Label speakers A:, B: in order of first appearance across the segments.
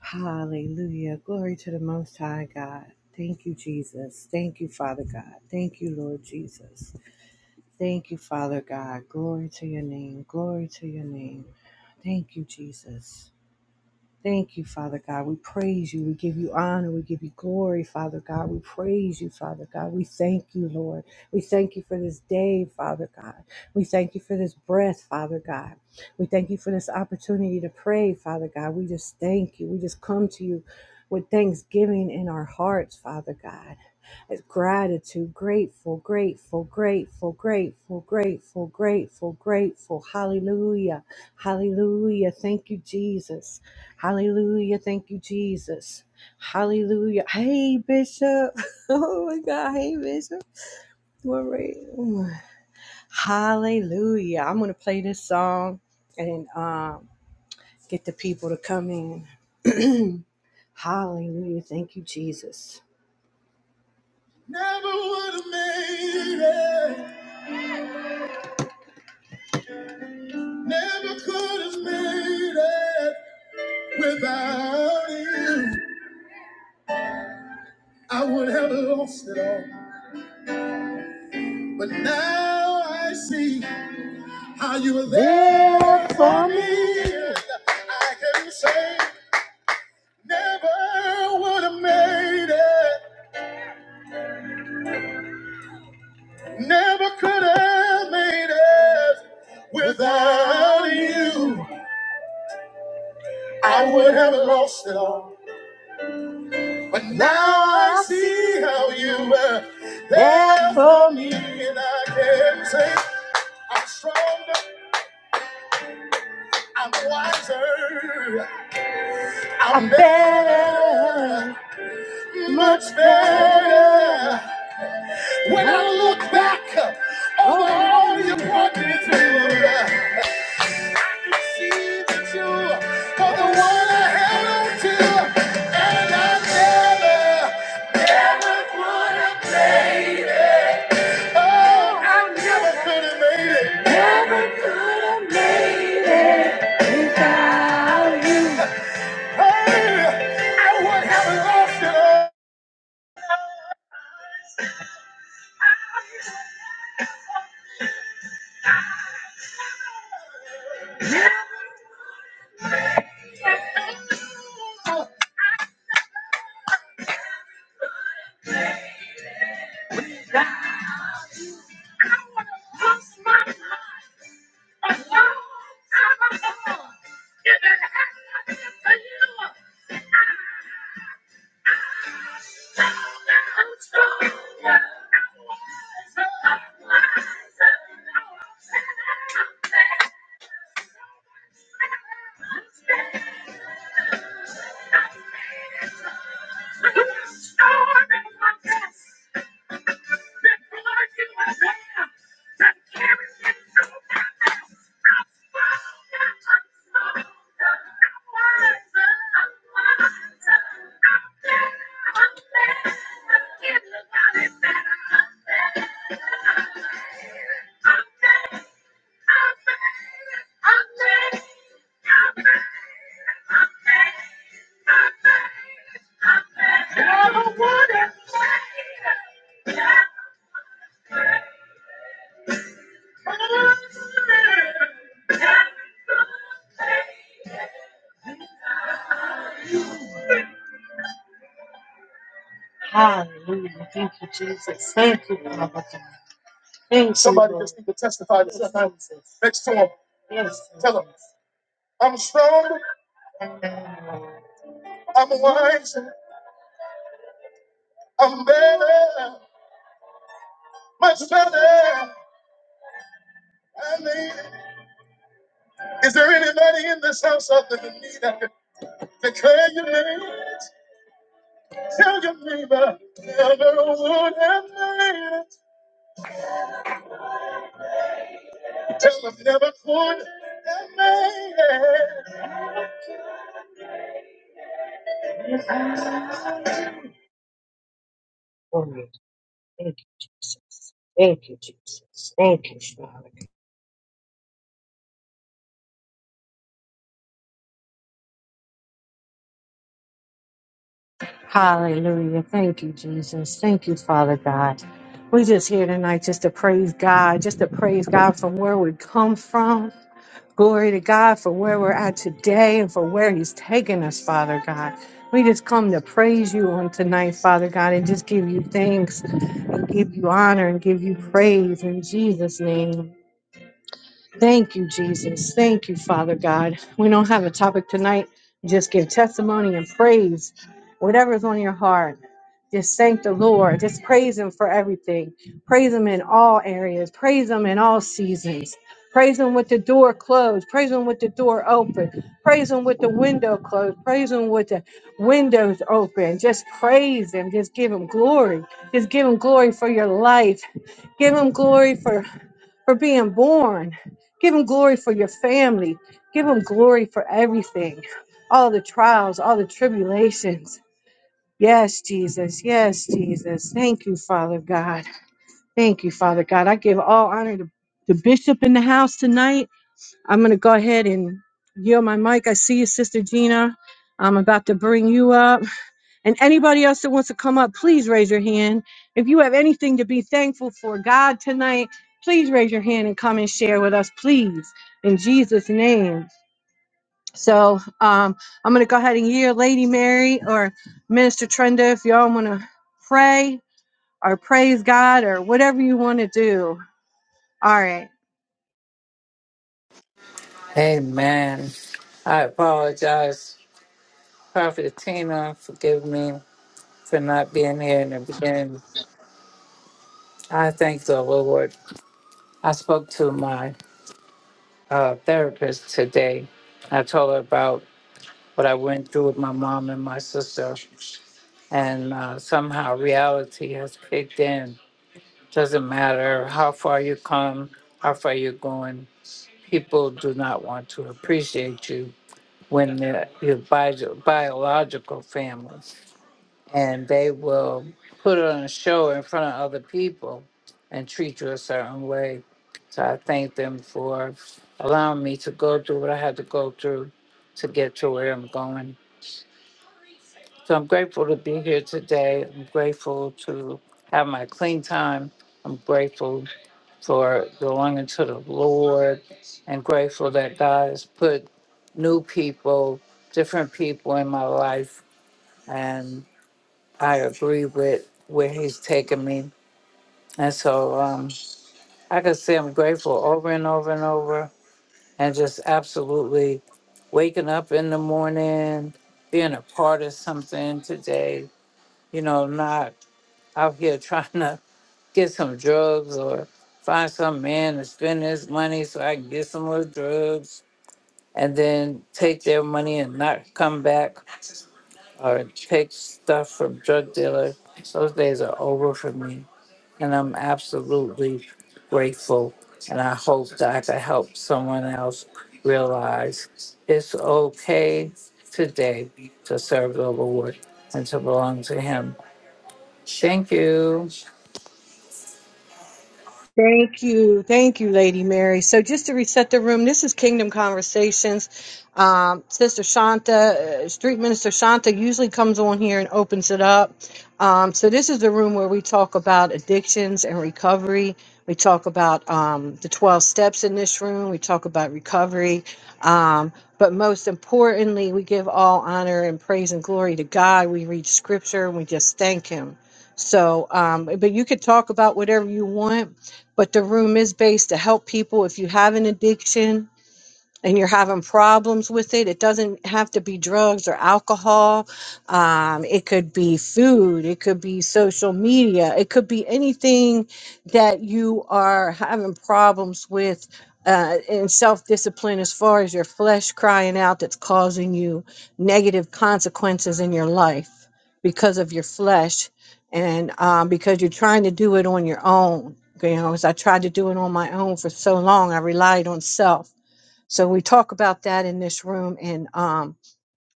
A: Hallelujah. Glory to the Most High God. Thank you, Jesus. Thank you, Father God. Thank you, Lord Jesus. Thank you, Father God. Glory to your name. Glory to your name. Thank you, Jesus. Thank you, Father God. We praise you. We give you honor. We give you glory, Father God. We praise you, Father God. We thank you, Lord. We thank you for this day, Father God. We thank you for this breath, Father God. We thank you for this opportunity to pray, Father God. We just thank you. We just come to you with thanksgiving in our hearts, Father God. As gratitude, grateful, grateful, grateful, grateful, grateful, grateful, grateful. Hallelujah. Hallelujah. Thank you, Jesus. Hallelujah. Thank you, Jesus. Hallelujah. Hey, Bishop. Oh my God. Hey, Bishop. Glory. Hallelujah. I'm going to play this song and um, get the people to come in. Hallelujah. Thank you, Jesus. Never would have made it. Never could have made it without you. I would have lost it all. But now I see. Are you there for me? I can say never would have made it, never could have made it without you. I would have lost it all, but now I see how you were there for me, and I can say I'm stronger, I'm wiser, I'm better, much better. When I look back over all you brought me through, I can see that you are the one I held on to, and I never, never would have made it. Oh, I never could have made it. Hey, I would have lost it all. Thank Somebody Lord. just need to testify to somebody next to him. Yes. Tell him, I'm strong, I'm wise, I'm better. much better. I need it. Is there anybody in this house other than me that can declare your name. Tell your neighbor, never would have made it. Tell them never could have made it. Glory. Thank you. Thank you, Jesus. Thank you, Father. Hallelujah. Thank you, Jesus. Thank you, Father God. We just here tonight just to praise God, just to praise God from where we come from. Glory to God for where we're at today and for where He's taking us, Father God. We just come to praise you on tonight, Father God, and just give you thanks and give you honor and give you praise in Jesus' name. Thank you, Jesus. Thank you, Father God. We don't have a topic tonight. Just give testimony and praise, whatever's on your heart. Just thank the Lord. Just praise Him for everything. Praise Him in all areas. Praise Him in all seasons. Praise Him with the door closed. Praise Him with the door open. Praise Him with the window closed. Praise Him with the windows open. Just praise Him. Just give Him glory. Just give Him glory for your life. Give Him glory for for being born. Give him glory for your family. Give him glory for everything. All the trials, all the tribulations. Yes, Jesus. Yes, Jesus. Thank you, Father God. Thank you, Father God. I give all honor to the bishop in the house tonight. I'm going to go ahead and yield my mic. I see you, Sister Gina. I'm about to bring you up. And anybody else that wants to come up, please raise your hand. If you have anything to be thankful for God tonight, please raise your hand and come and share with us, please, in Jesus' name. So um, I'm going to go ahead and hear Lady Mary or Minister Trenda if y'all want to pray or praise God or whatever you want to do. All right.
B: Amen. I apologize, Prophet Tina. Forgive me for not being here in the beginning. I thank the Lord. I spoke to my uh, therapist today. I told her about what I went through with my mom and my sister, and uh, somehow reality has kicked in. Doesn't matter how far you come, how far you're going. People do not want to appreciate you when they're your bio- biological family. and they will put on a show in front of other people and treat you a certain way. So I thank them for allowing me to go through what I had to go through to get to where I'm going. So I'm grateful to be here today. I'm grateful to have my clean time. I'm grateful for belonging to the Lord and grateful that God has put new people, different people in my life. I agree with where he's taking me. And so um, I could say I'm grateful over and over and over and just absolutely waking up in the morning, being a part of something today, you know, not out here trying to get some drugs or find some man to spend his money so I can get some more drugs and then take their money and not come back or take stuff from drug dealers. Those days are over for me And I'm absolutely grateful. And I hope that I can help someone else realize it's okay today to serve the Lord and to belong to Him. Thank you.
A: Thank you. Thank you, Lady Mary. So, just to reset the room, this is Kingdom Conversations. Um, Sister Shanta, uh, Street Minister Shanta, usually comes on here and opens it up. Um, so, this is the room where we talk about addictions and recovery. We talk about um, the 12 steps in this room. We talk about recovery. Um, but most importantly, we give all honor and praise and glory to God. We read scripture and we just thank Him. So, um, but you could talk about whatever you want but the room is based to help people if you have an addiction and you're having problems with it, it doesn't have to be drugs or alcohol. Um, it could be food, it could be social media, it could be anything that you are having problems with. Uh, and self discipline, as far as your flesh crying out, that's causing you negative consequences in your life because of your flesh and um, because you're trying to do it on your own. You know, as I tried to do it on my own for so long, I relied on self so we talk about that in this room, and um,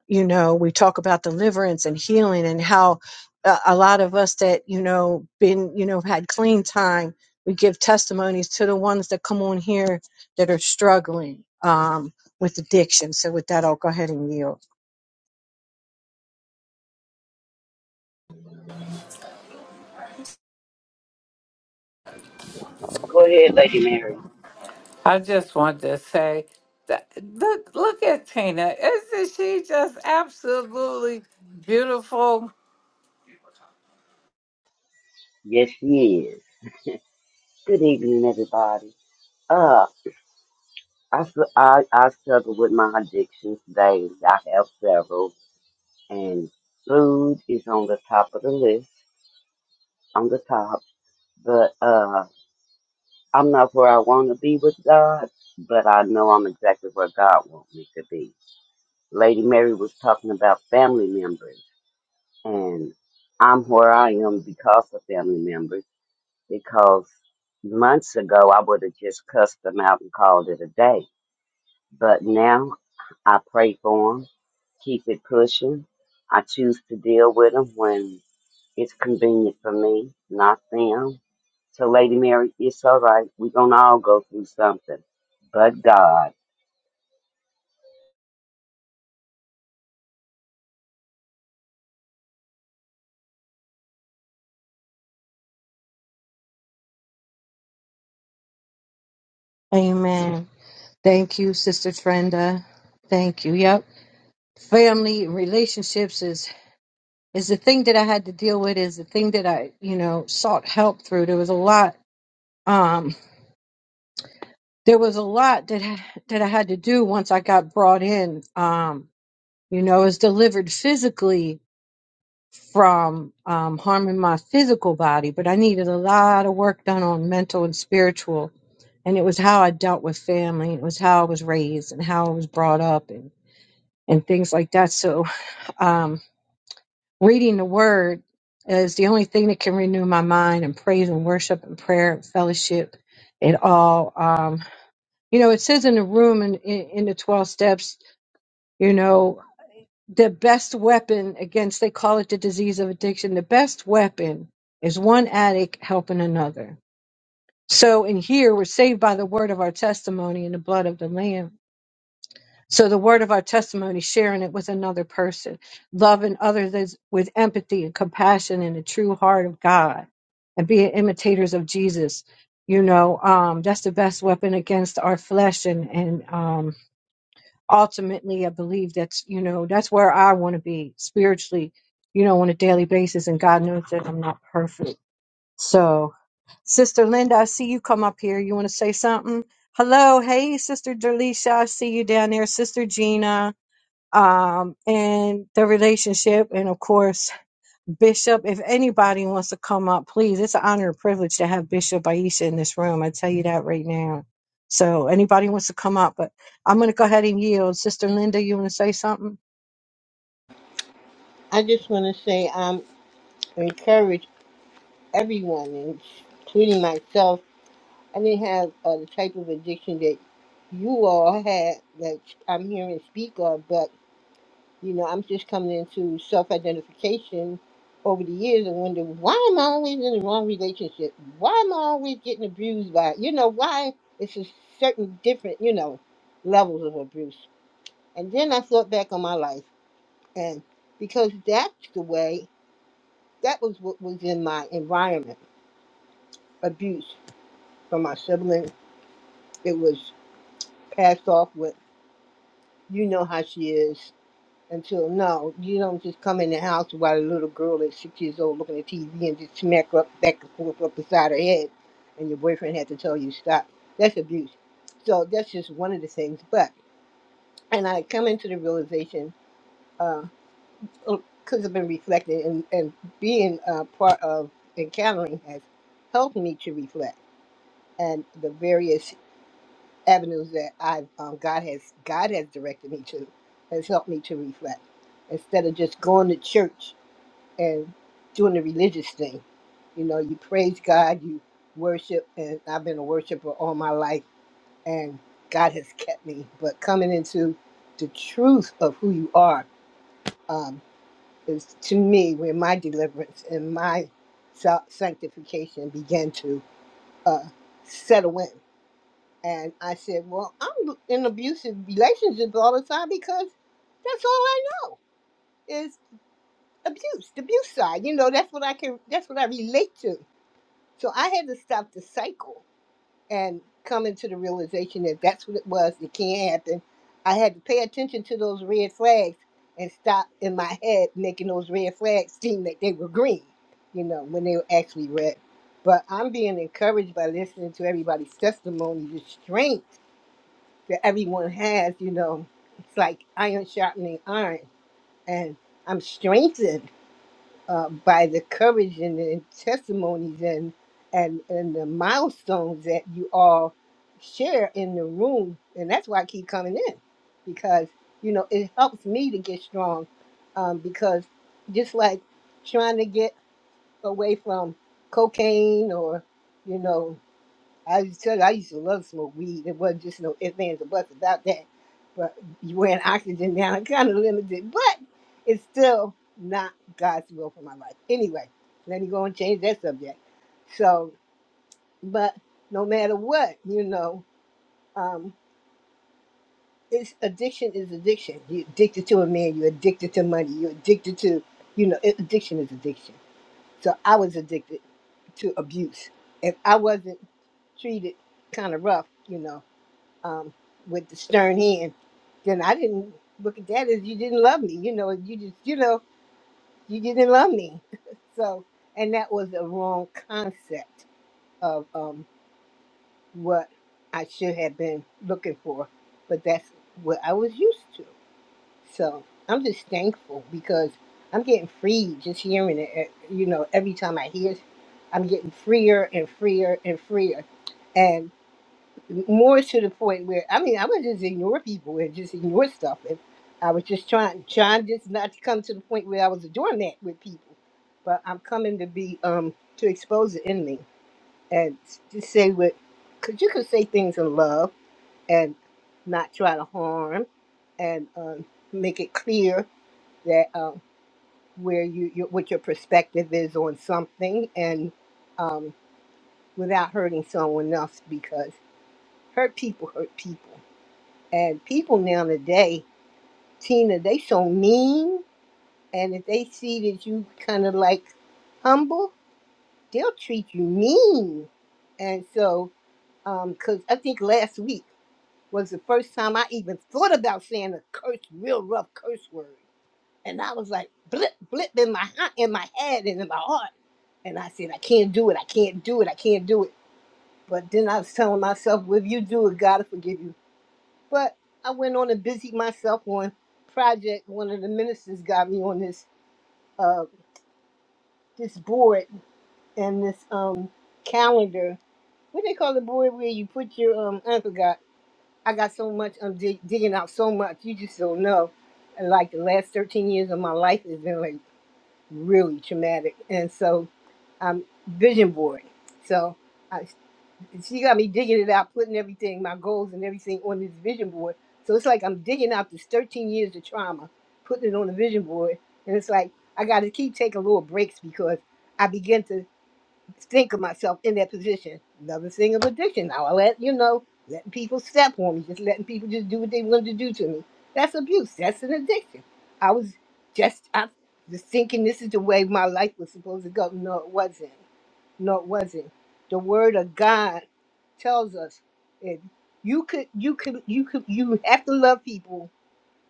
A: you know, we talk about deliverance and healing, and how uh, a lot of us that you know been you know had clean time, we give testimonies to the ones that come on here that are struggling um, with addiction. So with that, I'll go ahead and yield.
C: Go ahead, Lady Mary.
B: I just wanted to say that look, look at Tina. Isn't she just absolutely beautiful?
C: Yes, she is. Good evening, everybody. Uh, I, s- I, I struggle with my addictions daily. I have several, and food is on the top of the list, on the top. But uh, I'm not where I want to be with God, but I know I'm exactly where God wants me to be. Lady Mary was talking about family members, and I'm where I am because of family members. because months ago I would have just cussed them out and called it a day. But now I pray for them, keep it pushing. I choose to deal with them when it's convenient for me, not them. So, Lady Mary, it's all right. We're going to all go through something. But God.
A: Amen. Thank you, Sister Trenda. Thank you. Yep. Family and relationships is is the thing that I had to deal with. Is the thing that I you know sought help through. There was a lot. Um, there was a lot that ha- that I had to do once I got brought in. Um, you know, it was delivered physically from um, harming my physical body, but I needed a lot of work done on mental and spiritual. And it was how I dealt with family. and It was how I was raised and how I was brought up and, and things like that. So um, reading the word is the only thing that can renew my mind and praise and worship and prayer and fellowship. It all um, you know, it says in the room in, in, in the 12 steps You know, the best weapon against, they call it the disease of addiction, the best weapon is one addict helping another. So in here, we're saved by the word of our testimony and the blood of the Lamb. So the word of our testimony, sharing it with another person, loving others with empathy and compassion and the true heart of God, and being imitators of Jesus. You know, um, that's the best weapon against our flesh and and um, ultimately i believe that's you know that's where i want to be spiritually you know on a daily basis and god knows that i'm not perfect so sister linda i see you come up here you want to say something hello hey sister delisha i see you down there sister gina um and the relationship and of course Bishop, if anybody wants to come up, please. It's an honor and privilege to have Bishop Aisha in this room. I tell you that right now. So anybody wants to come up, but I'm going to go ahead and yield. Sister Linda, you want to say something?
D: I just want to say um, encourage everyone, and including myself. I didn't have uh, the type of addiction that you all had that I'm hearing speak of, but you know, I'm just coming into self-identification over the years and wonder why am I always in the wrong relationship? Why am I always getting abused by? You know, why it's a certain different, you know, levels of abuse. And then I thought back on my life, and because that's the way. that was what was in my environment. Abuse from my sibling. It was passed off with, you know how she is. Until no, you don't just come in the house while a little girl is six years old looking at TV and just smack her up back and forth up beside her head, and your boyfriend had to tell you stop. That's abuse. So that's just one of the things. But and I come into the realization because I've been reflecting and and being uh, part of encountering has helped me to reflect and the various avenues that I've um, God has God has directed me to, has helped me to reflect instead of just going to church and doing the religious thing. You know, you praise God, you worship, and I've been a worshiper all my life, and God has kept me. But coming into the truth of who you are um, is to me where my deliverance and my sa- sanctification began to uh, settle in and I said, Well, I'm in abusive relationships all the time because that's all I know is abuse, the abuse side. You know, that's what I can, that's what I relate to. So I had to stop the cycle and come into the realization that that's what it was. It can't happen. I had to pay attention to those red flags and stop in my head making those red flags seem that they were green, you know, when they were actually red. But I'm being encouraged by listening to everybody's testimony, the strength that everyone has, you know, it's like iron sharpening iron. And I'm strengthened uh, by the courage and the testimonies and, and, and the milestones that you all share in the room. And that's why I keep coming in because, you know, it helps me to get strong. Um, because just like trying to get away from cocaine or, you know, I said I used to love smoke weed. It wasn't just no ifs, ands, or buts about that. But you wearing oxygen now, I'm kind of limited, but it's still not God's will for my life. Anyway, let me go and change that subject. So, but no matter what, you know, um, it's addiction is addiction. You're addicted to a man. You're addicted to money. You're addicted to, you know, it- addiction is addiction. So I was addicted to abuse, If I wasn't treated kind of rough, you know. um, with the stern hand, then I didn't look at that as you didn't love me. You know, you just, you know, you didn't love me. so, and that was a wrong concept of um, what I should have been looking for. But that's what I was used to. So I'm just thankful because I'm getting free just hearing it. eh, You know, every time I hear it, I'm getting freer and freer and freer more to the point where I mean I would just ignore people and just ignore stuff and I was just trying trying just not to come to the point where I was a doormat with people. But I'm coming to be um to expose the enemy and just say what because you can say things in love and not try to harm and um, make it clear that um, where you, you what your perspective is on something and um, without hurting someone else because hurt people hurt people and people now today, Tina, they so mean. And if they see that you kind of like humble, they'll treat you mean. And so, because I think last week was the first time I even thought about saying a curse, real rough curse word. And I was like, blip, blip in my hi- in my head and in my heart. And I said, I can't do it. I can't do it. I can't do it. But then I was telling myself, well, if you do it, God will forgive you. But I went on and busy myself on project. One of the ministers got me on this uh this board and this um calendar. What they call the board where you put your um I forgot. I got so much. I'm dig- digging out so much. You just don't know. And like the last 13 years of my life has been like really traumatic, and so I'm vision board. So. And she got me digging it out, putting everything, my goals and everything on this vision board. So it's like I'm digging out this 13 years of trauma, putting it on the vision board. And it's like I got to keep taking little breaks because I begin to think of myself in that position. Another thing of addiction. Now I let, you know, letting people step on me, just letting people just do what they wanted to do to me. That's abuse. That's an addiction. I was just, I was thinking this is the way my life was supposed to go. No, it wasn't. No, it wasn't. The word of God tells us that you could you could you could you have to love people,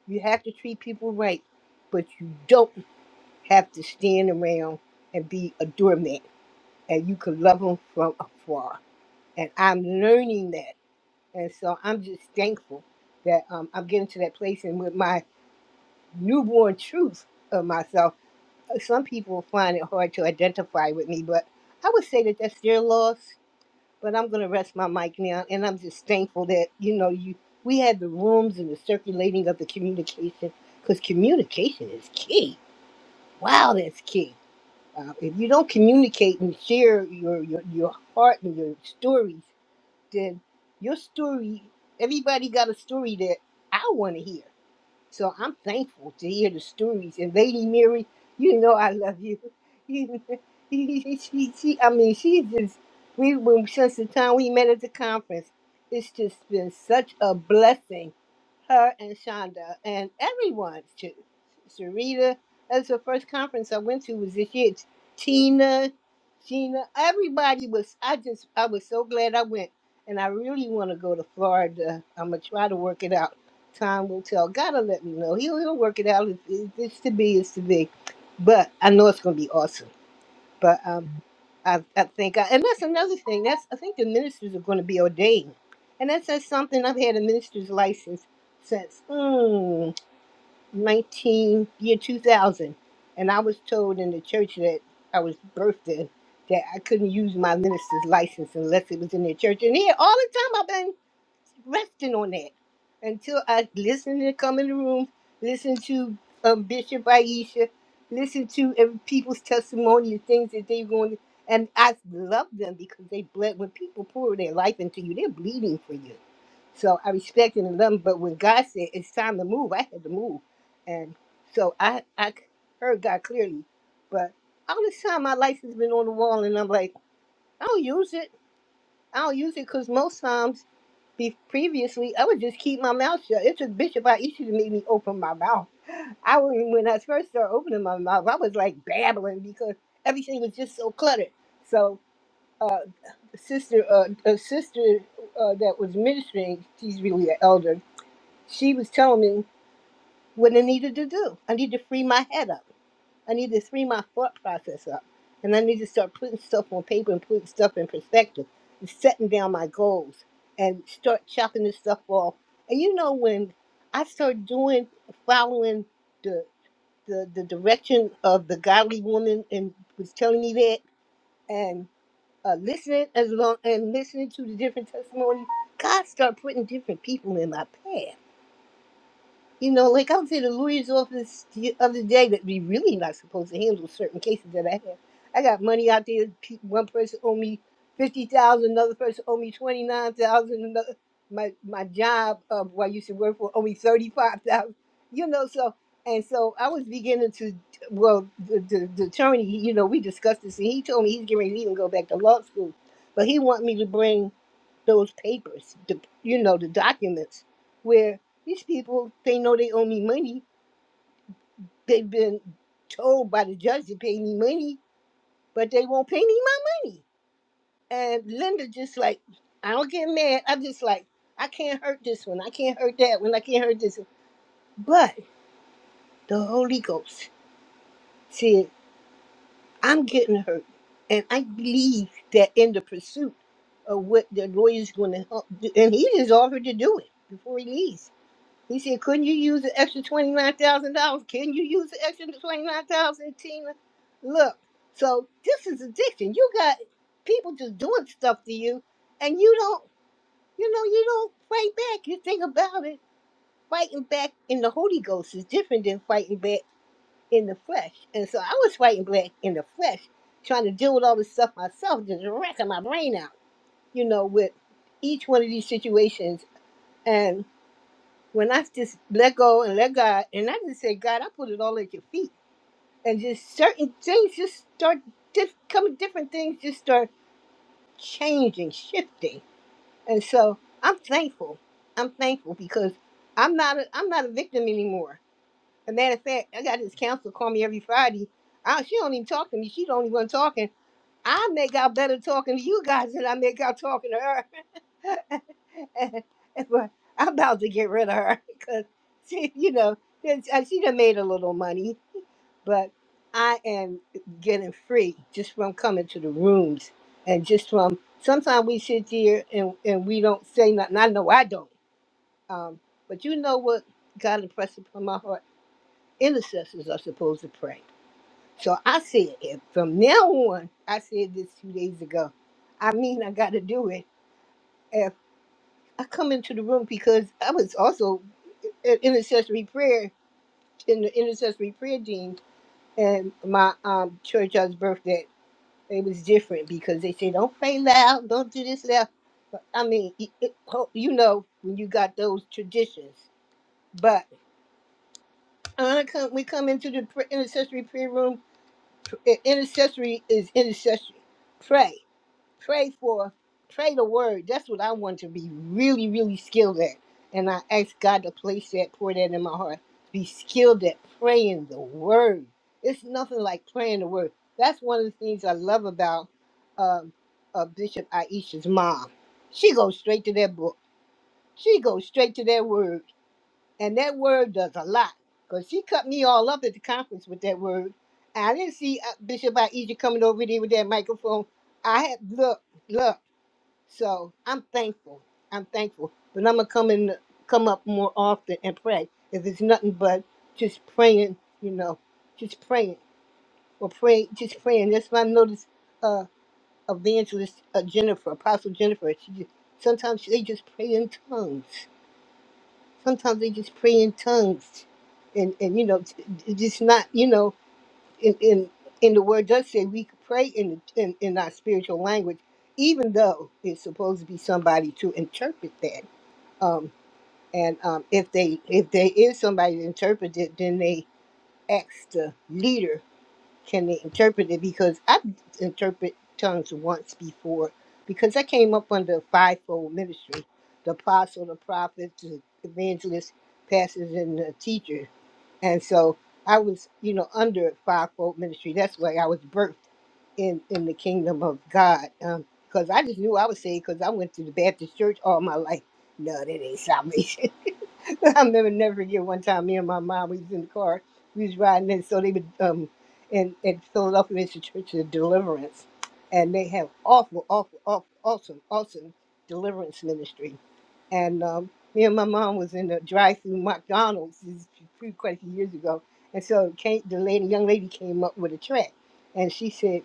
D: you have to treat people right, but you don't have to stand around and be a doormat and you can love them from afar. And I'm learning that. And so I'm just thankful that um, I'm getting to that place and with my newborn truth of myself, uh, some people find it hard to identify with me, but I would say that that's their loss But I'm going to rest my mic now, and I'm just thankful that you know you we had the rooms and the circulating of the communication because communication is key. Wow, that's key. Uh, if you don't communicate and share your, your your heart and your stories, then your story everybody got a story that I want to hear. So I'm thankful to hear the stories. And Lady Mary, you know I love you. You know, she, she, she, I mean, she's just, we, when, since the time we met at the conference, it's just been such a blessing, her and Shonda, and everyone too. Sarita, that's the first conference I went to was this year. Tina, Gina, everybody was, I just, I was so glad I went. And I really want to go to Florida. I'm going to try to work it out Time will tell. God will let me know. He'll, he'll work it out. If if it's to be, it's to be. But I know it's going to be awesome. But um, I, I think, I, and that's another thing. That's I think the ministers are going to be ordained, and that says something. I've had a minister's license since mm, nineteen year two thousand, and I was told in the church that I was birthed in that I couldn't use my minister's license unless it was in their church. And here, all the time, resting on that until I listen to come in the room, listen to um, Bishop Aisha, listen to every people's testimony and things that they're going to. And I love them because they bled. When people pour their life into you, they're bleeding for you. So I respect and love them. But when God said it's time to move, I had to move. And so I, I heard God clearly. But all this time, my license been on the wall, and I'm like, I don't use it. I don't use it because most times, be previously, I would just keep my mouth shut. It took Bishop Aisha to make me open my mouth. I was, when I first started opening my mouth, I was like babbling because everything was just so cluttered. So, uh, sister, uh, a sister uh, that was ministering, she's really an elder. She was telling me what I needed to do. I need to free my head up. I need to free my thought process up. And I need to start putting stuff on paper and putting stuff in perspective and setting down my goals and start chopping this stuff off. And you know, when I start doing, following the, the, the direction of the godly woman and was telling me that and uh, listening as long and listening to the different testimonies, God start putting different people in my path. You know, like I was in the lawyer's office the other day that we really not supposed to handle certain cases that I have. I got money out there. pe- One person owe me fifty thousand, another person owe me twenty nine thousand, another my my job uh, where I used to work for owe me thirty five thousand. You know, so and so I was beginning to well, the, the, the attorney, you know, we discussed this, and he told me he's getting ready to even go back to law school, but he want me to bring those papers, the you know the documents, where these people they know they owe me money. They've been told by the judge to pay me money, but they won't pay me my money. And Linda just like, I don't get mad. I'm just like, I can't hurt this one. I can't hurt that one. I can't hurt this one. But the Holy Ghost said, I'm getting hurt, and I believe that in the pursuit of what the lawyer's going to help, do, and he just offered to do it before he leaves He said, couldn't you use the extra $29,000? Can you use the extra 29000 Tina? Look, so this is addiction. You got people just doing stuff to you, and you don't, you know, you don't fight back. You think about it. Fighting back in the Holy Ghost is different than fighting back in the flesh. And so I was fighting back in the flesh, trying to deal with all this stuff myself, just racking my brain out, you know, with each one of these situations when I just let go and let God, and I just say, God, I put it all at your feet. And just certain things just start diff- coming, different things just start changing, shifting. And so I'm thankful. I'm thankful because I'm not a, I'm not a victim anymore. As a matter of fact, I got this counselor call me every Friday. I, she don't even talk to me. She don't even want talking. I make out better talking to you guys than I make out talking to her. And, and Well, I'm about to get rid of her because she, you know, it's- uh, she done made a little money, but I am getting free just from coming to the rooms and just from sometimes we sit here and, and we don't say nothing. I know I don't. Um, but you know what God impressed upon my heart? Intercessors are supposed to pray. So I said it from now on. I said this two days ago. I mean, I got to do it. I come into the room because I was also in intercessory prayer in the intercessory prayer team, and my um church I was birthed at. It was different because they say don't pray loud, don't do this loud. But, I mean, it, it, ho- you know when you got those traditions. But when I come, we come into the pr- intercessory prayer room. pr- Intercessory is intercessory. Pray. pray for pray the word that's what i want to be really really skilled at and i ask god to place that pour that in my heart be skilled at praying the word it's nothing like praying the word that's one of the things i love about um, uh, bishop aisha's mom she goes straight to that book she goes straight to that word and that word does a lot because she cut me all up at the conference with that word And i didn't see uh, bishop aisha coming over there with that microphone i had look look so I'm thankful. I'm thankful. But I'm gonna come in, come up more often and pray. If it's nothing but just praying, you know, just praying or pray, just praying. That's why I noticed uh, evangelist uh, Jennifer, Apostle Jennifer. She just, sometimes they just pray in tongues. Sometimes they just pray in tongues, and and you know, it's it's just not you know in in, in the word does say we could pray in, the, in in our spiritual language, even though it's supposed to be somebody to interpret that. Um, and um, if they if there is somebody to interpret it, then they ask the leader can they interpret it? Because I've interpreted tongues once before, because I came up under a fivefold ministry: the apostle, the prophet, the evangelist, pastors, and the teacher. And so I was, you know, under a fivefold ministry. That's why I was birthed in in the kingdom of God. Um, because I just knew I was saved because I went to the Baptist church all my life. No, that ain't salvation. I remember never forget one time me and my mom we was in the car, we was riding and so they would um in, in Philadelphia it's Church of Deliverance. And they have awful, awful, awful awesome, awesome deliverance ministry. And um me and my mom was in the drive through McDonald's this is quite a few years ago. And so came, the lady young lady came up with a track and she said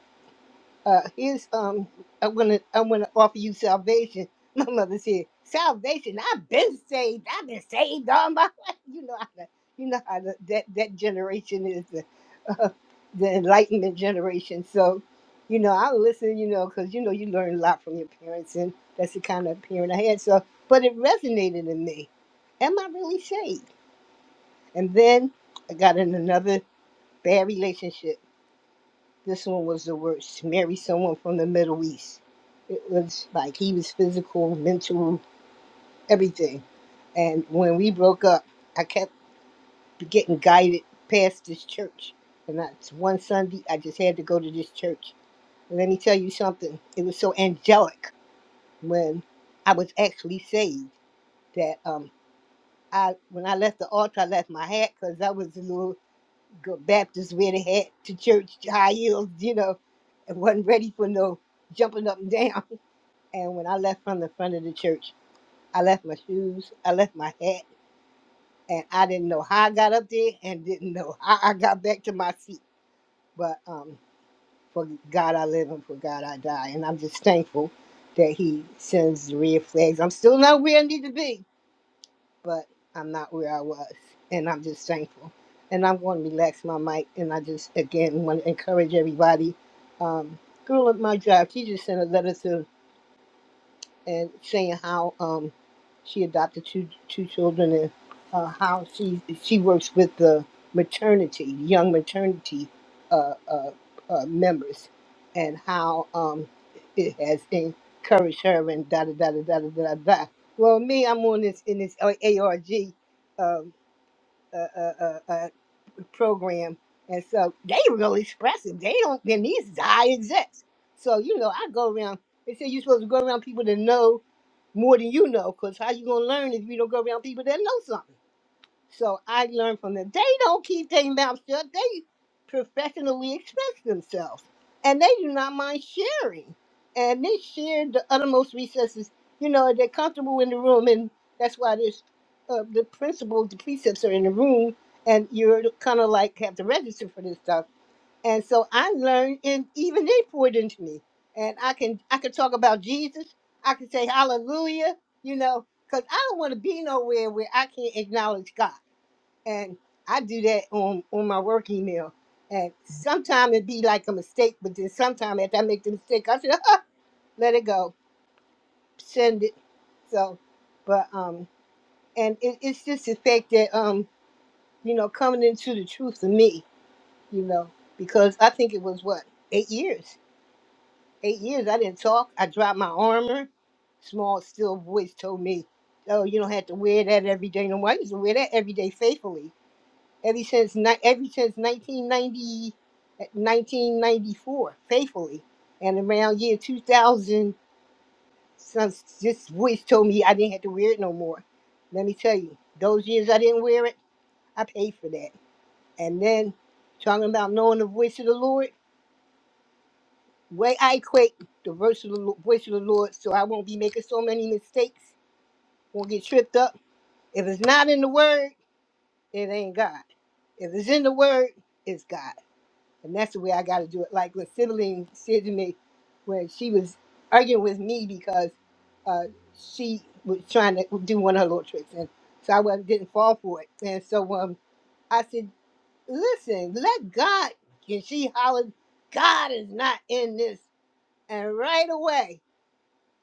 D: uh, here's um, I'm gonna I'm gonna offer you salvation. My mother said, salvation. I've been saved. I've been saved all my life. You know how the, you know how the, that that generation is the uh, the Enlightenment generation. So, you know, I listen. You know, because you know you learn a lot from your parents, and that's the kind of parent I had. So, but it resonated in me. Am I really saved? And then I got in another bad relationship this one was the worst. Marry someone from the Middle East. It was like he was physical, mental, everything. And when we broke up, I kept getting guided past this church. And that's one Sunday, I just had to go to this church. And let me tell you something. It was so angelic when I was actually saved that um, I when I left the altar, I left my hat because I was a little. good Baptist wear the hat to church, high heels, you know, and wasn't ready for no jumping up and down. And when I left from the front of the church, I left my shoes, I left my hat, and I didn't know how I got up there and didn't know how I got back to my seat. But um, for God I live and for God I die. And I'm just thankful that He sends the red flags. I'm still not where I need to be, but I'm not where I was. And I'm just thankful. And I'm going to relax my mic. And I just, again, want to encourage everybody. Um, girl at my job, she just sent a letter to and saying how um she adopted two two children and uh, how she she works with the maternity young maternity uh, uh, uh, members and how um it has encouraged her and da da da da da da da. da. da. Well, me, I'm on this in this ARG um, uh, uh, uh, uh, program. And so they real expressive. They don't, and these die execs. So, you know, I go around, they say you're supposed to go around people that know more than you know, because how you going to learn if you don't go around people that know something? So I learned from them. They don't keep their mouth shut. They professionally express themselves. And they do not mind sharing. And they share the uttermost recesses. You know, they're comfortable in the room. And that's why there's uh, the principals, the precepts are in the room. And you're kind of like have to register for this stuff. And so I learned, and even they poured into me. And I can I can talk about Jesus. I can say hallelujah, you know, because I don't want to be nowhere where I can't acknowledge God and I do that on on my work email. And sometimes it be like a mistake, but then sometimes after I make the mistake, I say, let it go, send it. So, but um, and it, it's just the fact that um, you know, coming into the truth of me, you know, because I think it was what eight years, eight years I didn't talk. I dropped my armor. Small still voice told me, "Oh, you don't have to wear that every day no more. I used to wear that every day faithfully." Ever since ni- ever since 1990, 1994, faithfully, and around year 2000, some, this voice told me I didn't have to wear it no more. Let me tell you, those years I didn't wear it, I paid for that. And then, talking about knowing the voice of the Lord, way I equate the voice of the, Lo- voice of the Lord, so I won't be making so many mistakes, won't get tripped up. If it's not in the Word, it ain't God. If it's in the Word, it's God. And that's the way I got to do it. Like when sibling said to me, when she was arguing with me because uh, she was trying to do one of her little tricks, and so I wasn't, didn't fall for it. And so um, I said, "Listen, let God." And she hollered, "God is not in this." And right away,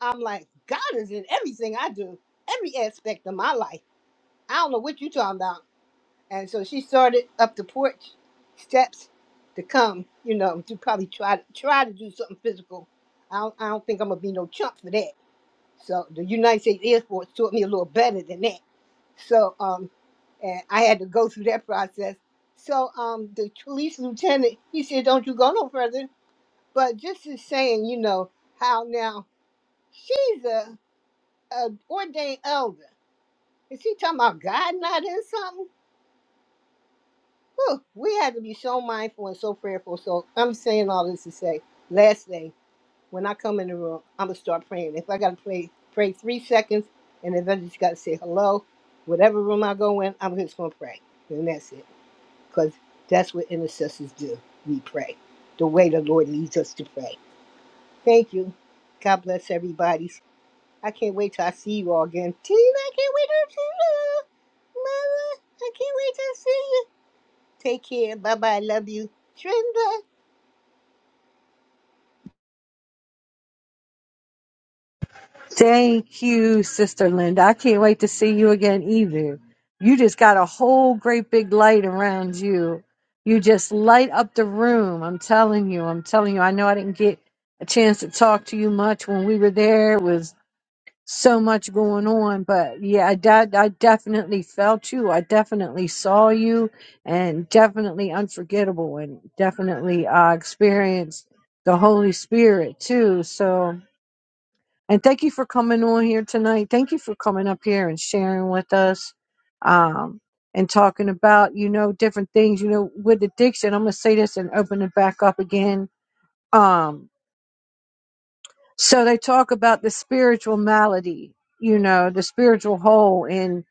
D: I'm like, "God is in everything I do, every aspect of my life." I don't know what you're talking about. And so she started up the porch steps to come, you know, to probably try to try to do something physical. I don't, I don't think I'm gonna be no chump for that. So the United States Air Force taught me a little better than that. So um, and I had to go through that process. So um, the police lieutenant he said, "Don't you go no further." But just as saying, you know how now she's a, a ordained elder. Is he talking about God not in something? Whew, we have to be so mindful and so prayerful. So I'm saying all this to say, last day, when I come in the room, I'm gonna start praying. If I gotta pray, pray three seconds, and if I just gotta say hello, whatever room I go in, I'm just gonna pray, and that's it. Cause that's what intercessors do. We pray the way the Lord leads us to pray. Thank you. God bless everybody. I can't wait till I see you all again. Tina, I can't wait to see you, Mother. I can't wait to see you. Take care. Bye bye. Love you. Trinda.
A: Thank you, Sister Linda. I can't wait to see you again either. You just got a whole great big light around you. You just light up the room. I'm telling you. I'm telling you. I know I didn't get a chance to talk to you much when we were there. It Was so much going on but yeah I, de- I definitely felt you i definitely saw you and definitely unforgettable and definitely uh, experienced the holy spirit too so and thank you for coming on here tonight thank you for coming up here and sharing with us um and talking about you know different things you know with addiction i'm gonna say this and open it back up again um, so they talk about the spiritual malady, you know, the spiritual hole and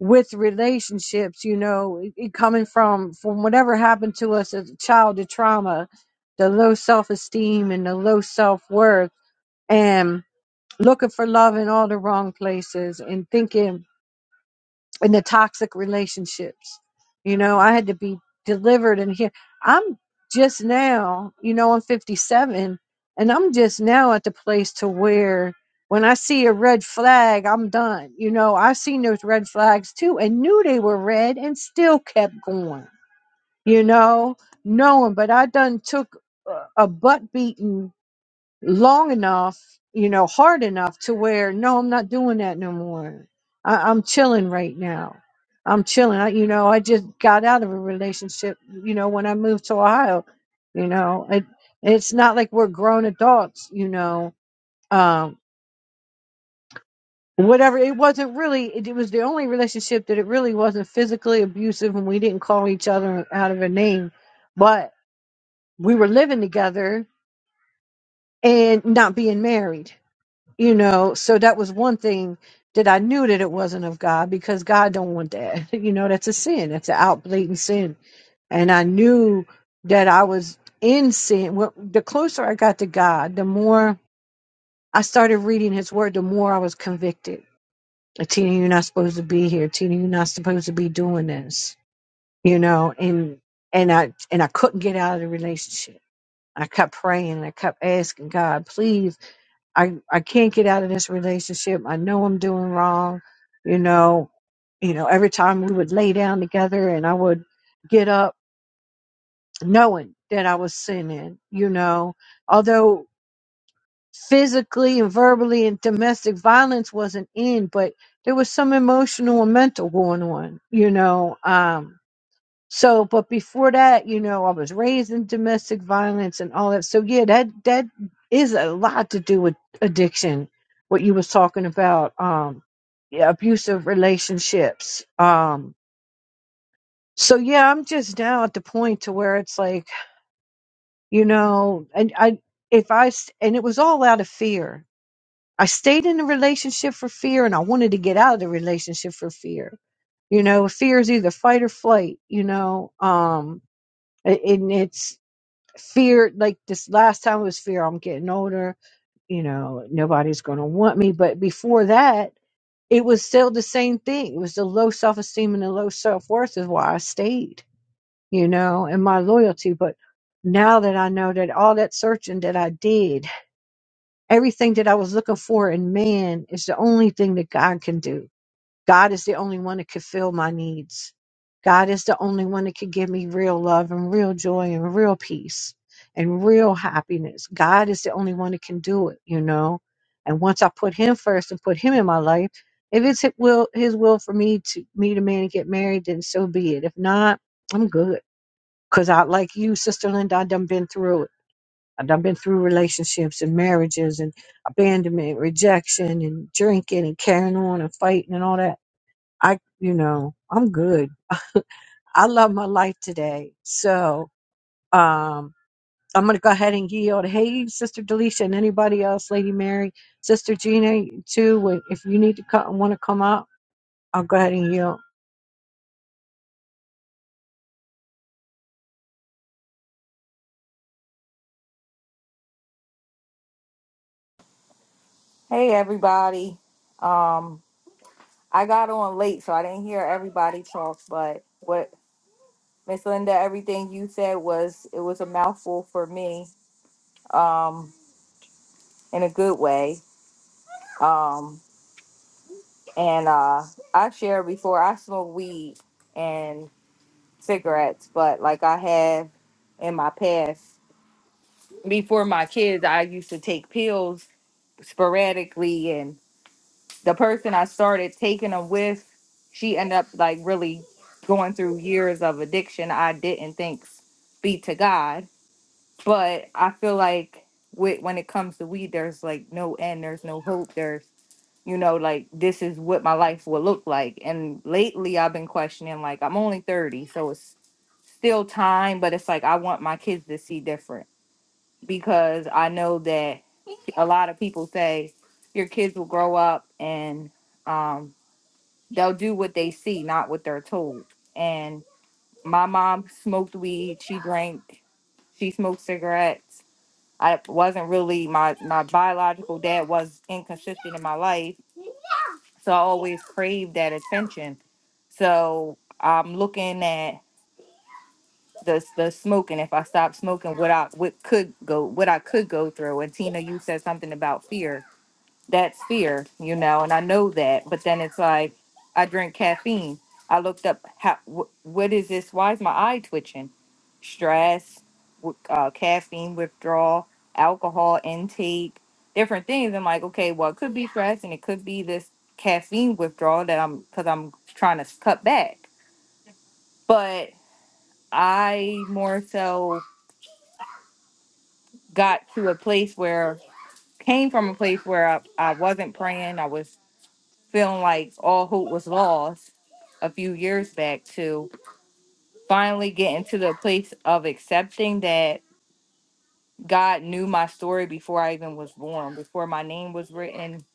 A: with relationships, you know, it, it coming from from whatever happened to us as a child, the trauma, the low self-esteem and the low self-worth and looking for love in all the wrong places and thinking in the toxic relationships. You know, I had to be delivered and here I'm just now, you know, I'm 57 and I'm just now at the place to where when I see a red flag, I'm done. You know, I've seen those red flags too and knew they were red and still kept going, you know, knowing, but I done took a a butt beating long enough, you know, hard enough to where no, I'm not doing that no more. I, I'm chilling right now. I'm chilling. I, you know, I just got out of a relationship. You know, when I moved to Ohio, you know, it it's not like we're grown adults. You know, um, whatever. It wasn't really. It, it was the only relationship that it really wasn't physically abusive, and we didn't call each other out of a name, but we were living together and not being married you know so that was one thing that i knew that it wasn't of god because god don't want that you know that's a sin that's an out blatant sin and i knew that i was in sin Well, the closer i got to god the more i started reading his word the more i was convicted tina you're not supposed to be here tina you're not supposed to be doing this you know and and i and i couldn't get out of the relationship i kept praying and i kept asking god please I I can't get out of this relationship. I know I'm doing wrong. You know, you know, every time we would lay down together and I would get up knowing that I was sinning, you know, although physically and verbally and domestic violence wasn't in, but there was some emotional and mental going on, you know. Um so, but before that, you know, I was raised in domestic violence and all that. So, yeah, that that is a lot to do with addiction. What you was talking about, um, yeah, abusive relationships. Um, so yeah, I'm just now at the point to where it's like, you know, and I if I s- and it was all out of fear. I stayed in the relationship for fear, and I wanted to get out of the relationship for fear. You know, fear is either fight or flight. You know, um, and and it's fear like this last time was fear i'm getting older you know nobody's going to want me but before that it was still the same thing it was the low self-esteem and the low self-worth is why i stayed you know and my loyalty but now that i know that all that searching that i did everything that i was looking for in man is the only thing that god can do God is the only one that could fill my needs. God is the only one that could give me real love and real joy and real peace and real happiness. God is the only one that can do it, you know. And once I put him first and put him in my life, if it's his will, his will for me to meet a man and get married, then so be it. If not, I'm good. Cause I, like you, Sister Linda, I done been through it. I done been through relationships and marriages and abandonment, rejection and drinking and carrying on and fighting and all that I, you know, I'm good. I love my life today. So, um, I'm going to go ahead and yield. Hey, Sister Delisha and anybody else, Lady Mary, Sister Gina, too. when- If you need to come, want to come up, I'll go ahead and yield.
E: Hey everybody. Um I got on late so I didn't hear everybody talk, but what Miss Linda everything you said was it was a mouthful for me um in a good way. Um and uh I shared before I smoke weed and cigarettes, but like I have in my past before my kids I used to take pills sporadically the person I started taking them with, she ended up like really going through years of addiction. I didn't thanks be to God, but I feel like with when it comes to weed, there's like no end, there's no hope, there's you know like this is what my life will look like. And lately, I've been questioning like I'm only thirty, so it's still time, but it's like I want my kids to see different because I know that a lot of people say your kids will grow up and um, they'll do what they see, not what they're told. And my mom smoked weed, she drank, she smoked cigarettes. I wasn't really my my biological dad was inconsistent in my life, so I always craved that attention. So I'm looking at the the smoking if i stopped smoking what i what could go what i could go through and tina you said something about fear that's fear you know and i know that but then it's like i drink caffeine i looked up how wh- what is this why is my eye twitching stress w- uh, caffeine withdrawal alcohol intake different things i'm like okay well it could be stress and it could be this caffeine withdrawal that i'm because i'm trying to cut back but I more so got to a place where came from a place where I, I wasn't praying. I was feeling like all hope was lost a few years back to finally getting to the place of accepting that God knew my story before I even was born, before my name was written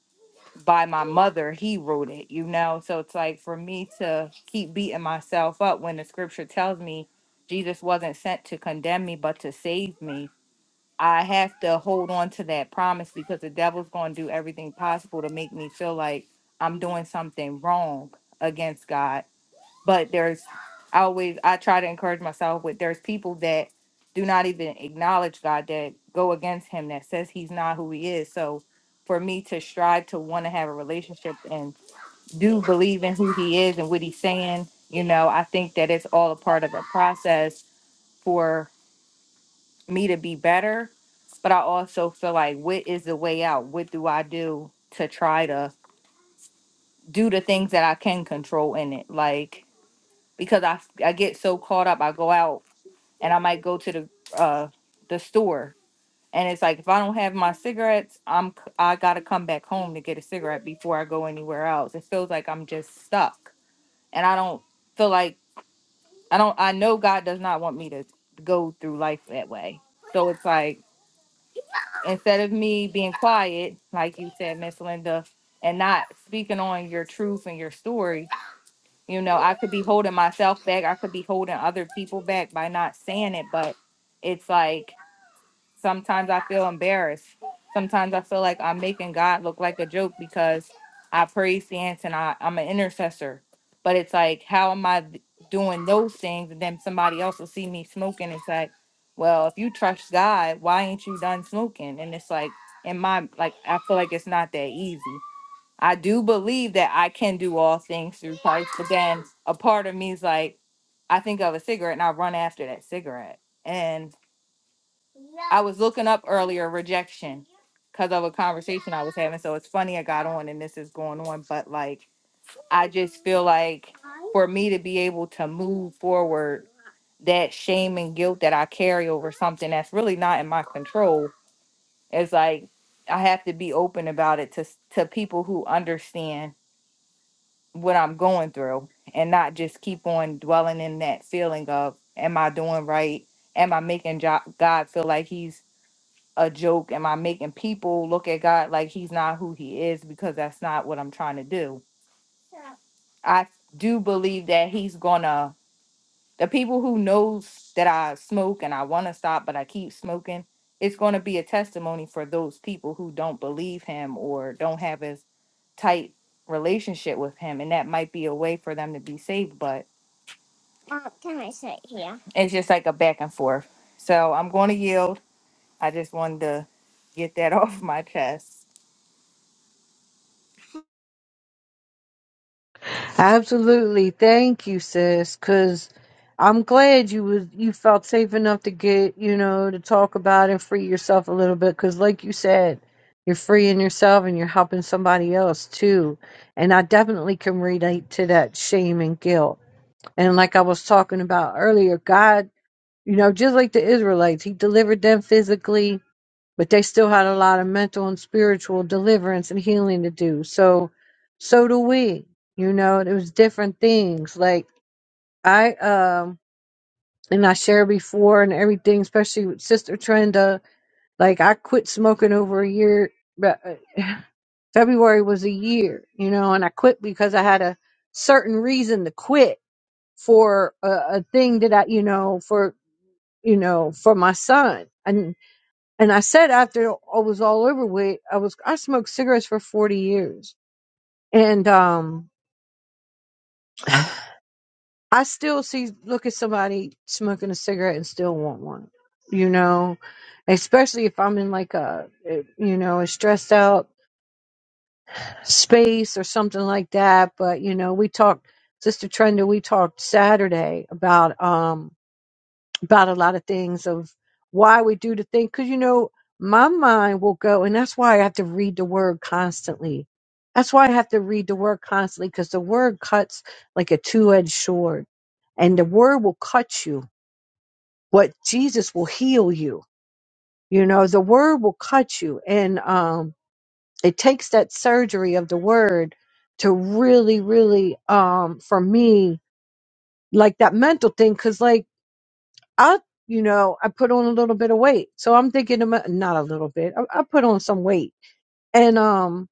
E: by my mother, he wrote it, you know. So it's like for me to keep beating myself up when the scripture tells me Jesus wasn't sent to condemn me but to save me I have to hold on to that promise because the devil's going to do everything possible to make me feel like I'm doing something wrong against God. But there's I always I try to encourage myself with there's people that do not even acknowledge God that go against him that says he's not who he is. So for me to strive to want to have a relationship and do believe in who he is and what he's saying, you know, I think that it's all a part of a process for me to be better, but I also feel like what is the way out? What do I do to try to do the things that I can control in it? Like because I I get so caught up, I go out and I might go to the uh the store and it's like if I don't have my cigarettes, I'm c- I got to come back home to get a cigarette before I go anywhere else. It feels like I'm just stuck and I don't feel like I don't I know God does not want me to go through life that way. So it's like instead of me being quiet, like you said, Miss Linda, and not speaking on your truth and your story, you know, I could be holding myself back. I could be holding other people back by not saying it, but it's like Sometimes I feel embarrassed. Sometimes I feel like I'm making God look like a joke because I pray stance and I, I'm an intercessor. But it's like, how am I th- doing those things? And then somebody else will see me smoking. It's like, well, if you trust God, why ain't you done smoking? And it's like, in my, like, I feel like it's not that easy. I do believe that I can do all things through Christ, but then a part of me is like, I think of a cigarette and I run after that cigarette. And I was looking up earlier rejection because of a conversation I was having. So it's funny I got on and this is going on, but like I just feel like for me to be able to move forward, that shame and guilt that I carry over something that's really not in my control it's like I have to be open about it to s- to people who understand what I'm going through and not just keep on dwelling in that feeling of am I doing right? Am I making jo- God feel like he's a joke? Am I making people look at God like he's not who he is? Because that's not what I'm trying to do. I do believe that he's gonna the people who knows that I smoke and I want to stop, but I keep smoking. It's going to be a testimony for those people who don't believe him or don't have as tight relationship with him, and that might be a way for them to be saved. But Mom, can I sit here? it's just like a back and forth. So I'm going to yield. I just wanted to get that off my chest.
A: Absolutely. Thank you, sis, cuz I'm glad you was you felt safe enough to get, you know, to talk about and free yourself a little bit cuz like you said, you're freeing yourself and you're helping somebody else too. And I definitely can relate to that shame and guilt. And like I was talking about earlier, God, you know, just like the Israelites, he delivered them physically, but they still had a lot of mental and spiritual deliverance and healing to do. So, so do we. You know, it was different things. Like I, um, and I shared before and everything, especially with Sister Trenda. Like I quit smoking over a year, but uh, February was a year, you know, and I quit because I had a certain reason to quit for a, a thing that I, you know, for you know, for my son. And I said after it was all over with, I was I smoked cigarettes for forty years, and um, I still see look at somebody smoking a cigarette and still want one. You know, especially if I'm in like a eh, you know a stressed out space or something like that. But you know, we talked, Sister Trenda, we talked Saturday about um about a lot of things of why we do the thing. Cause you know, my mind will go, and that's why I have to read the word constantly. That's why I have to read the word constantly because the word cuts like a two edged sword and the word will cut you. What Jesus will heal you. You know, the word will cut you. And, um, it takes that surgery of the word to really, really, um, for me, like that mental thing. Cause like, I, you know, I put on a little bit of weight. So I'm thinking, to my- not a little bit, I, I put on some weight. And um,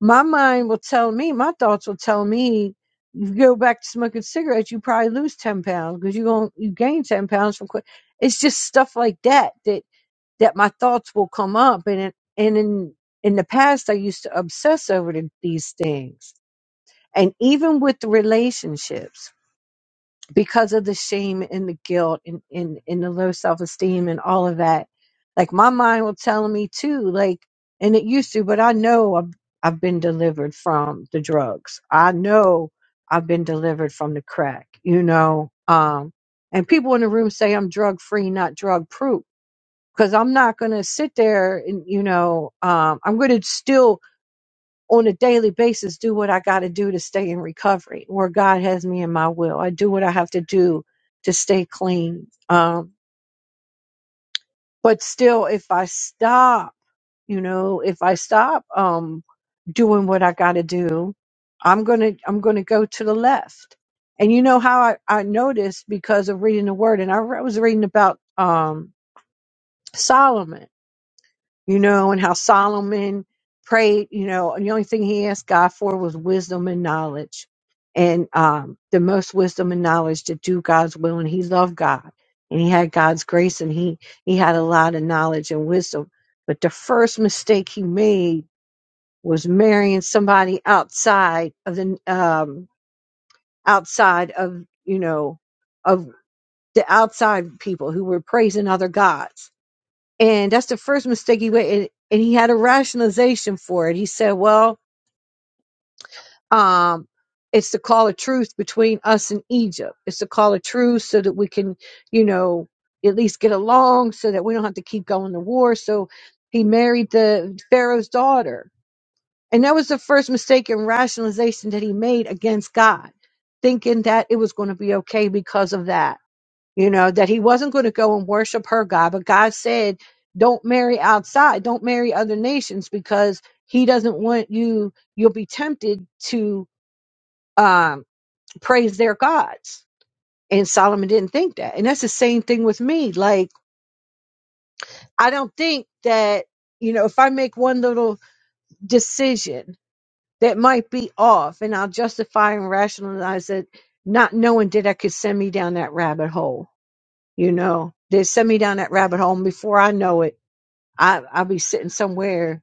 A: my mind will tell me, my thoughts will tell me, you go back to smoking cigarettes, you probably lose 10 pounds because you going you gain 10 pounds from quit. It's just stuff like that, that, that my thoughts will come up. And, it- and in, in the past, I used to obsess over the, these things. And even with the relationships, because of the shame and the guilt and, and, and the low self esteem and all of that. Like my mind will tell me too, like, and it used to, but I know I've, I've been delivered from the drugs. I know I've been delivered from the crack, you know. Um, and people in the room say I'm drug free, not drug proof, because I'm not going to sit there and, you know, um, I'm going to still on a daily basis do what I got to do to stay in recovery where God has me in my will. I do what I have to do to stay clean. Um, but still, if I stop, you know, if I stop, um, doing what I got to do, I'm going to, I'm going to go to the left. And you know how I, I noticed because of reading the word and I re- was reading about, um, Solomon you know, and how Solomon prayed, you know, and the only thing he asked God for was wisdom and knowledge. And um, the most wisdom and knowledge to do God's will. And he loved God and he had God's grace and he, he had a lot of knowledge and wisdom. But the first mistake he made was marrying somebody outside of the, um, outside of, you know, of the outside people who were praising other gods and that's the first mistake he made. And, and he had a rationalization for it. He said, "Well, um, it's the call of truth between us and Egypt. It's the call of truth so that we can, you know, at least get along, so that we don't have to keep going to war." So he married the Pharaoh's daughter, and that was the first mistake in rationalization that he made against God, thinking that it was going to be okay because of that you know, that he wasn't going to go and worship her God, but God said, don't marry outside, don't marry other nations because he doesn't want you, you'll be tempted to um, praise their gods. And Solomon didn't think that. And that's the same thing with me. Like, I don't think that, you know, if I make one little decision that might be off and I'll justify and rationalize it, not knowing that that could send me down that rabbit hole, you know, they send me down that rabbit hole. And before I know it, I, I'll be sitting somewhere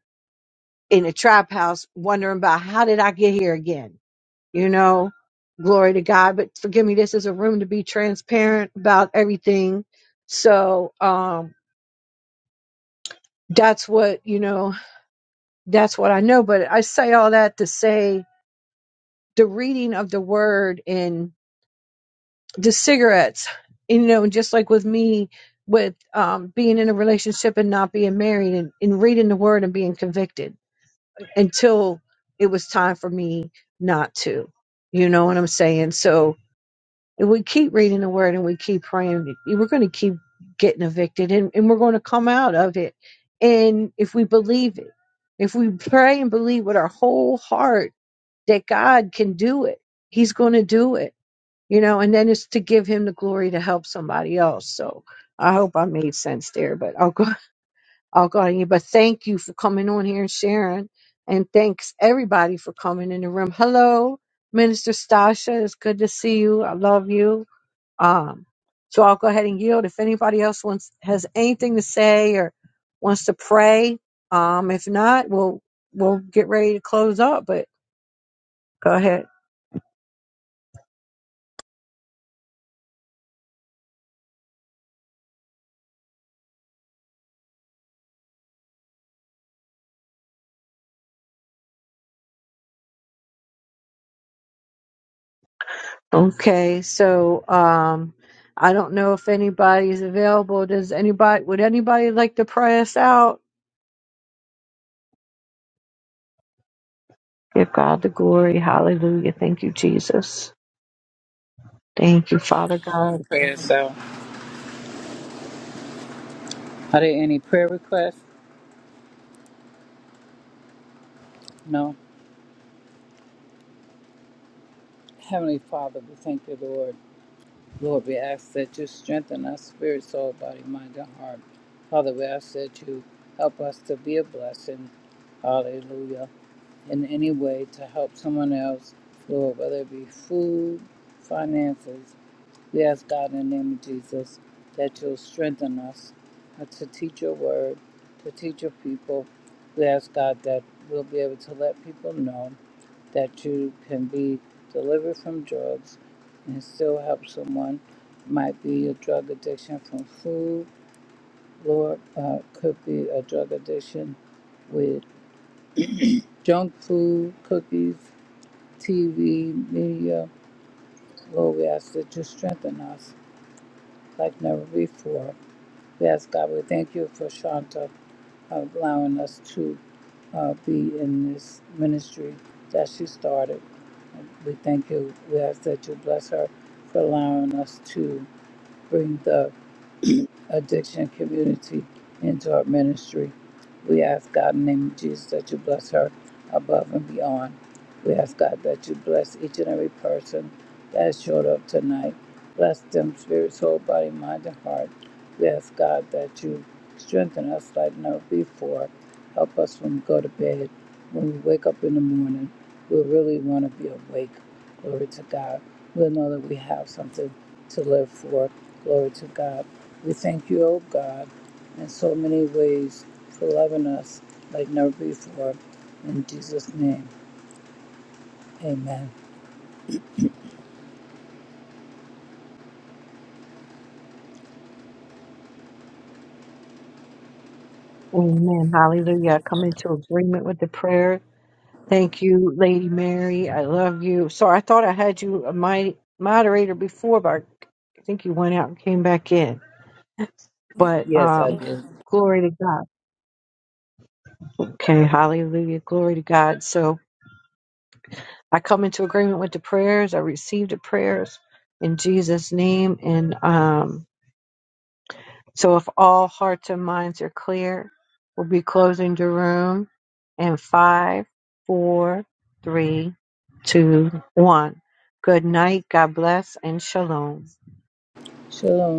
A: in a trap house wondering about how did I get here again? You know, glory to God. But forgive me, this is a room to be transparent about everything. So um, that's what, you know, that's what I know. But I say all that to say the reading of the word and the cigarettes, you know, just like with me with um, being in a relationship and not being married and, and reading the word and being convicted until it was time for me not to. You know what I'm saying? So if we keep reading the word and we keep praying, we're going to keep getting evicted and, and we're going to come out of it. And if we believe it, if we pray and believe with our whole heart that God can do it, He's going to do it, you know, and then it's to give Him the glory to help somebody else. So I hope I made sense there, but I'll go Oh God, yeah, but thank you for coming on here and sharing. And thanks everybody for coming in the room. Hello, Minister Stasha. It's good to see you. I love you. Um, so I'll go ahead and yield. If anybody else wants has anything to say or wants to pray, um, if not, we'll we'll get ready to close up. But go ahead. Okay, so um, I don't know if anybody's available. Does anybody? Would anybody like to pray us out? Give God the glory. Hallelujah. Thank you, Jesus. Thank you, Father God.
F: prayers out. Are there any prayer requests? No. Heavenly Father, we thank you, Lord. Lord, we ask that you strengthen our spirit, soul, body, mind, and heart. Father, we ask that you help us to be a blessing. Hallelujah. In any way to help someone else, Lord, whether it be food, finances. We ask God in the name of Jesus that you'll strengthen us uh, to teach your word, to teach your people. We ask God that we'll be able to let people know that you can be delivered from drugs and still help someone. Might be a drug addiction from food, Lord, uh, could be a drug addiction with junk food, cookies, TV, media. Lord, we ask that you strengthen us like never before. We ask God, we thank you for Shanta allowing us to uh, be in this ministry that she started. We thank you. We ask that you bless her for allowing us to bring the Addiction Community into her ministry. We ask God in the name of Jesus that you bless her above and beyond. We ask God that you bless each and every person that showed up tonight. Bless them, spirit, soul, body, mind, and heart. We ask God that you strengthen us like never before. Help us when we go to bed, when we wake up in the morning. We really want to be awake. Glory to God. We'll know that we have something to live for. Glory to God. We thank you, O God, in so many ways for loving us like never before. In Jesus' name, amen.
A: Amen. Hallelujah. I come into agreement with the prayer. Thank you, Lady Mary. I love you. So I thought I had you a my moderator before, but I think you went out and came back in. But
F: Yes, I
A: um,
F: do.
A: glory to God. Okay, hallelujah. Glory to God. So I come into agreement with the prayers. I received the prayers in Jesus' name. And um So if all hearts and minds are clear, we'll be closing the room in five, four, three, two, one. Good night. God bless and shalom.
F: Shalom.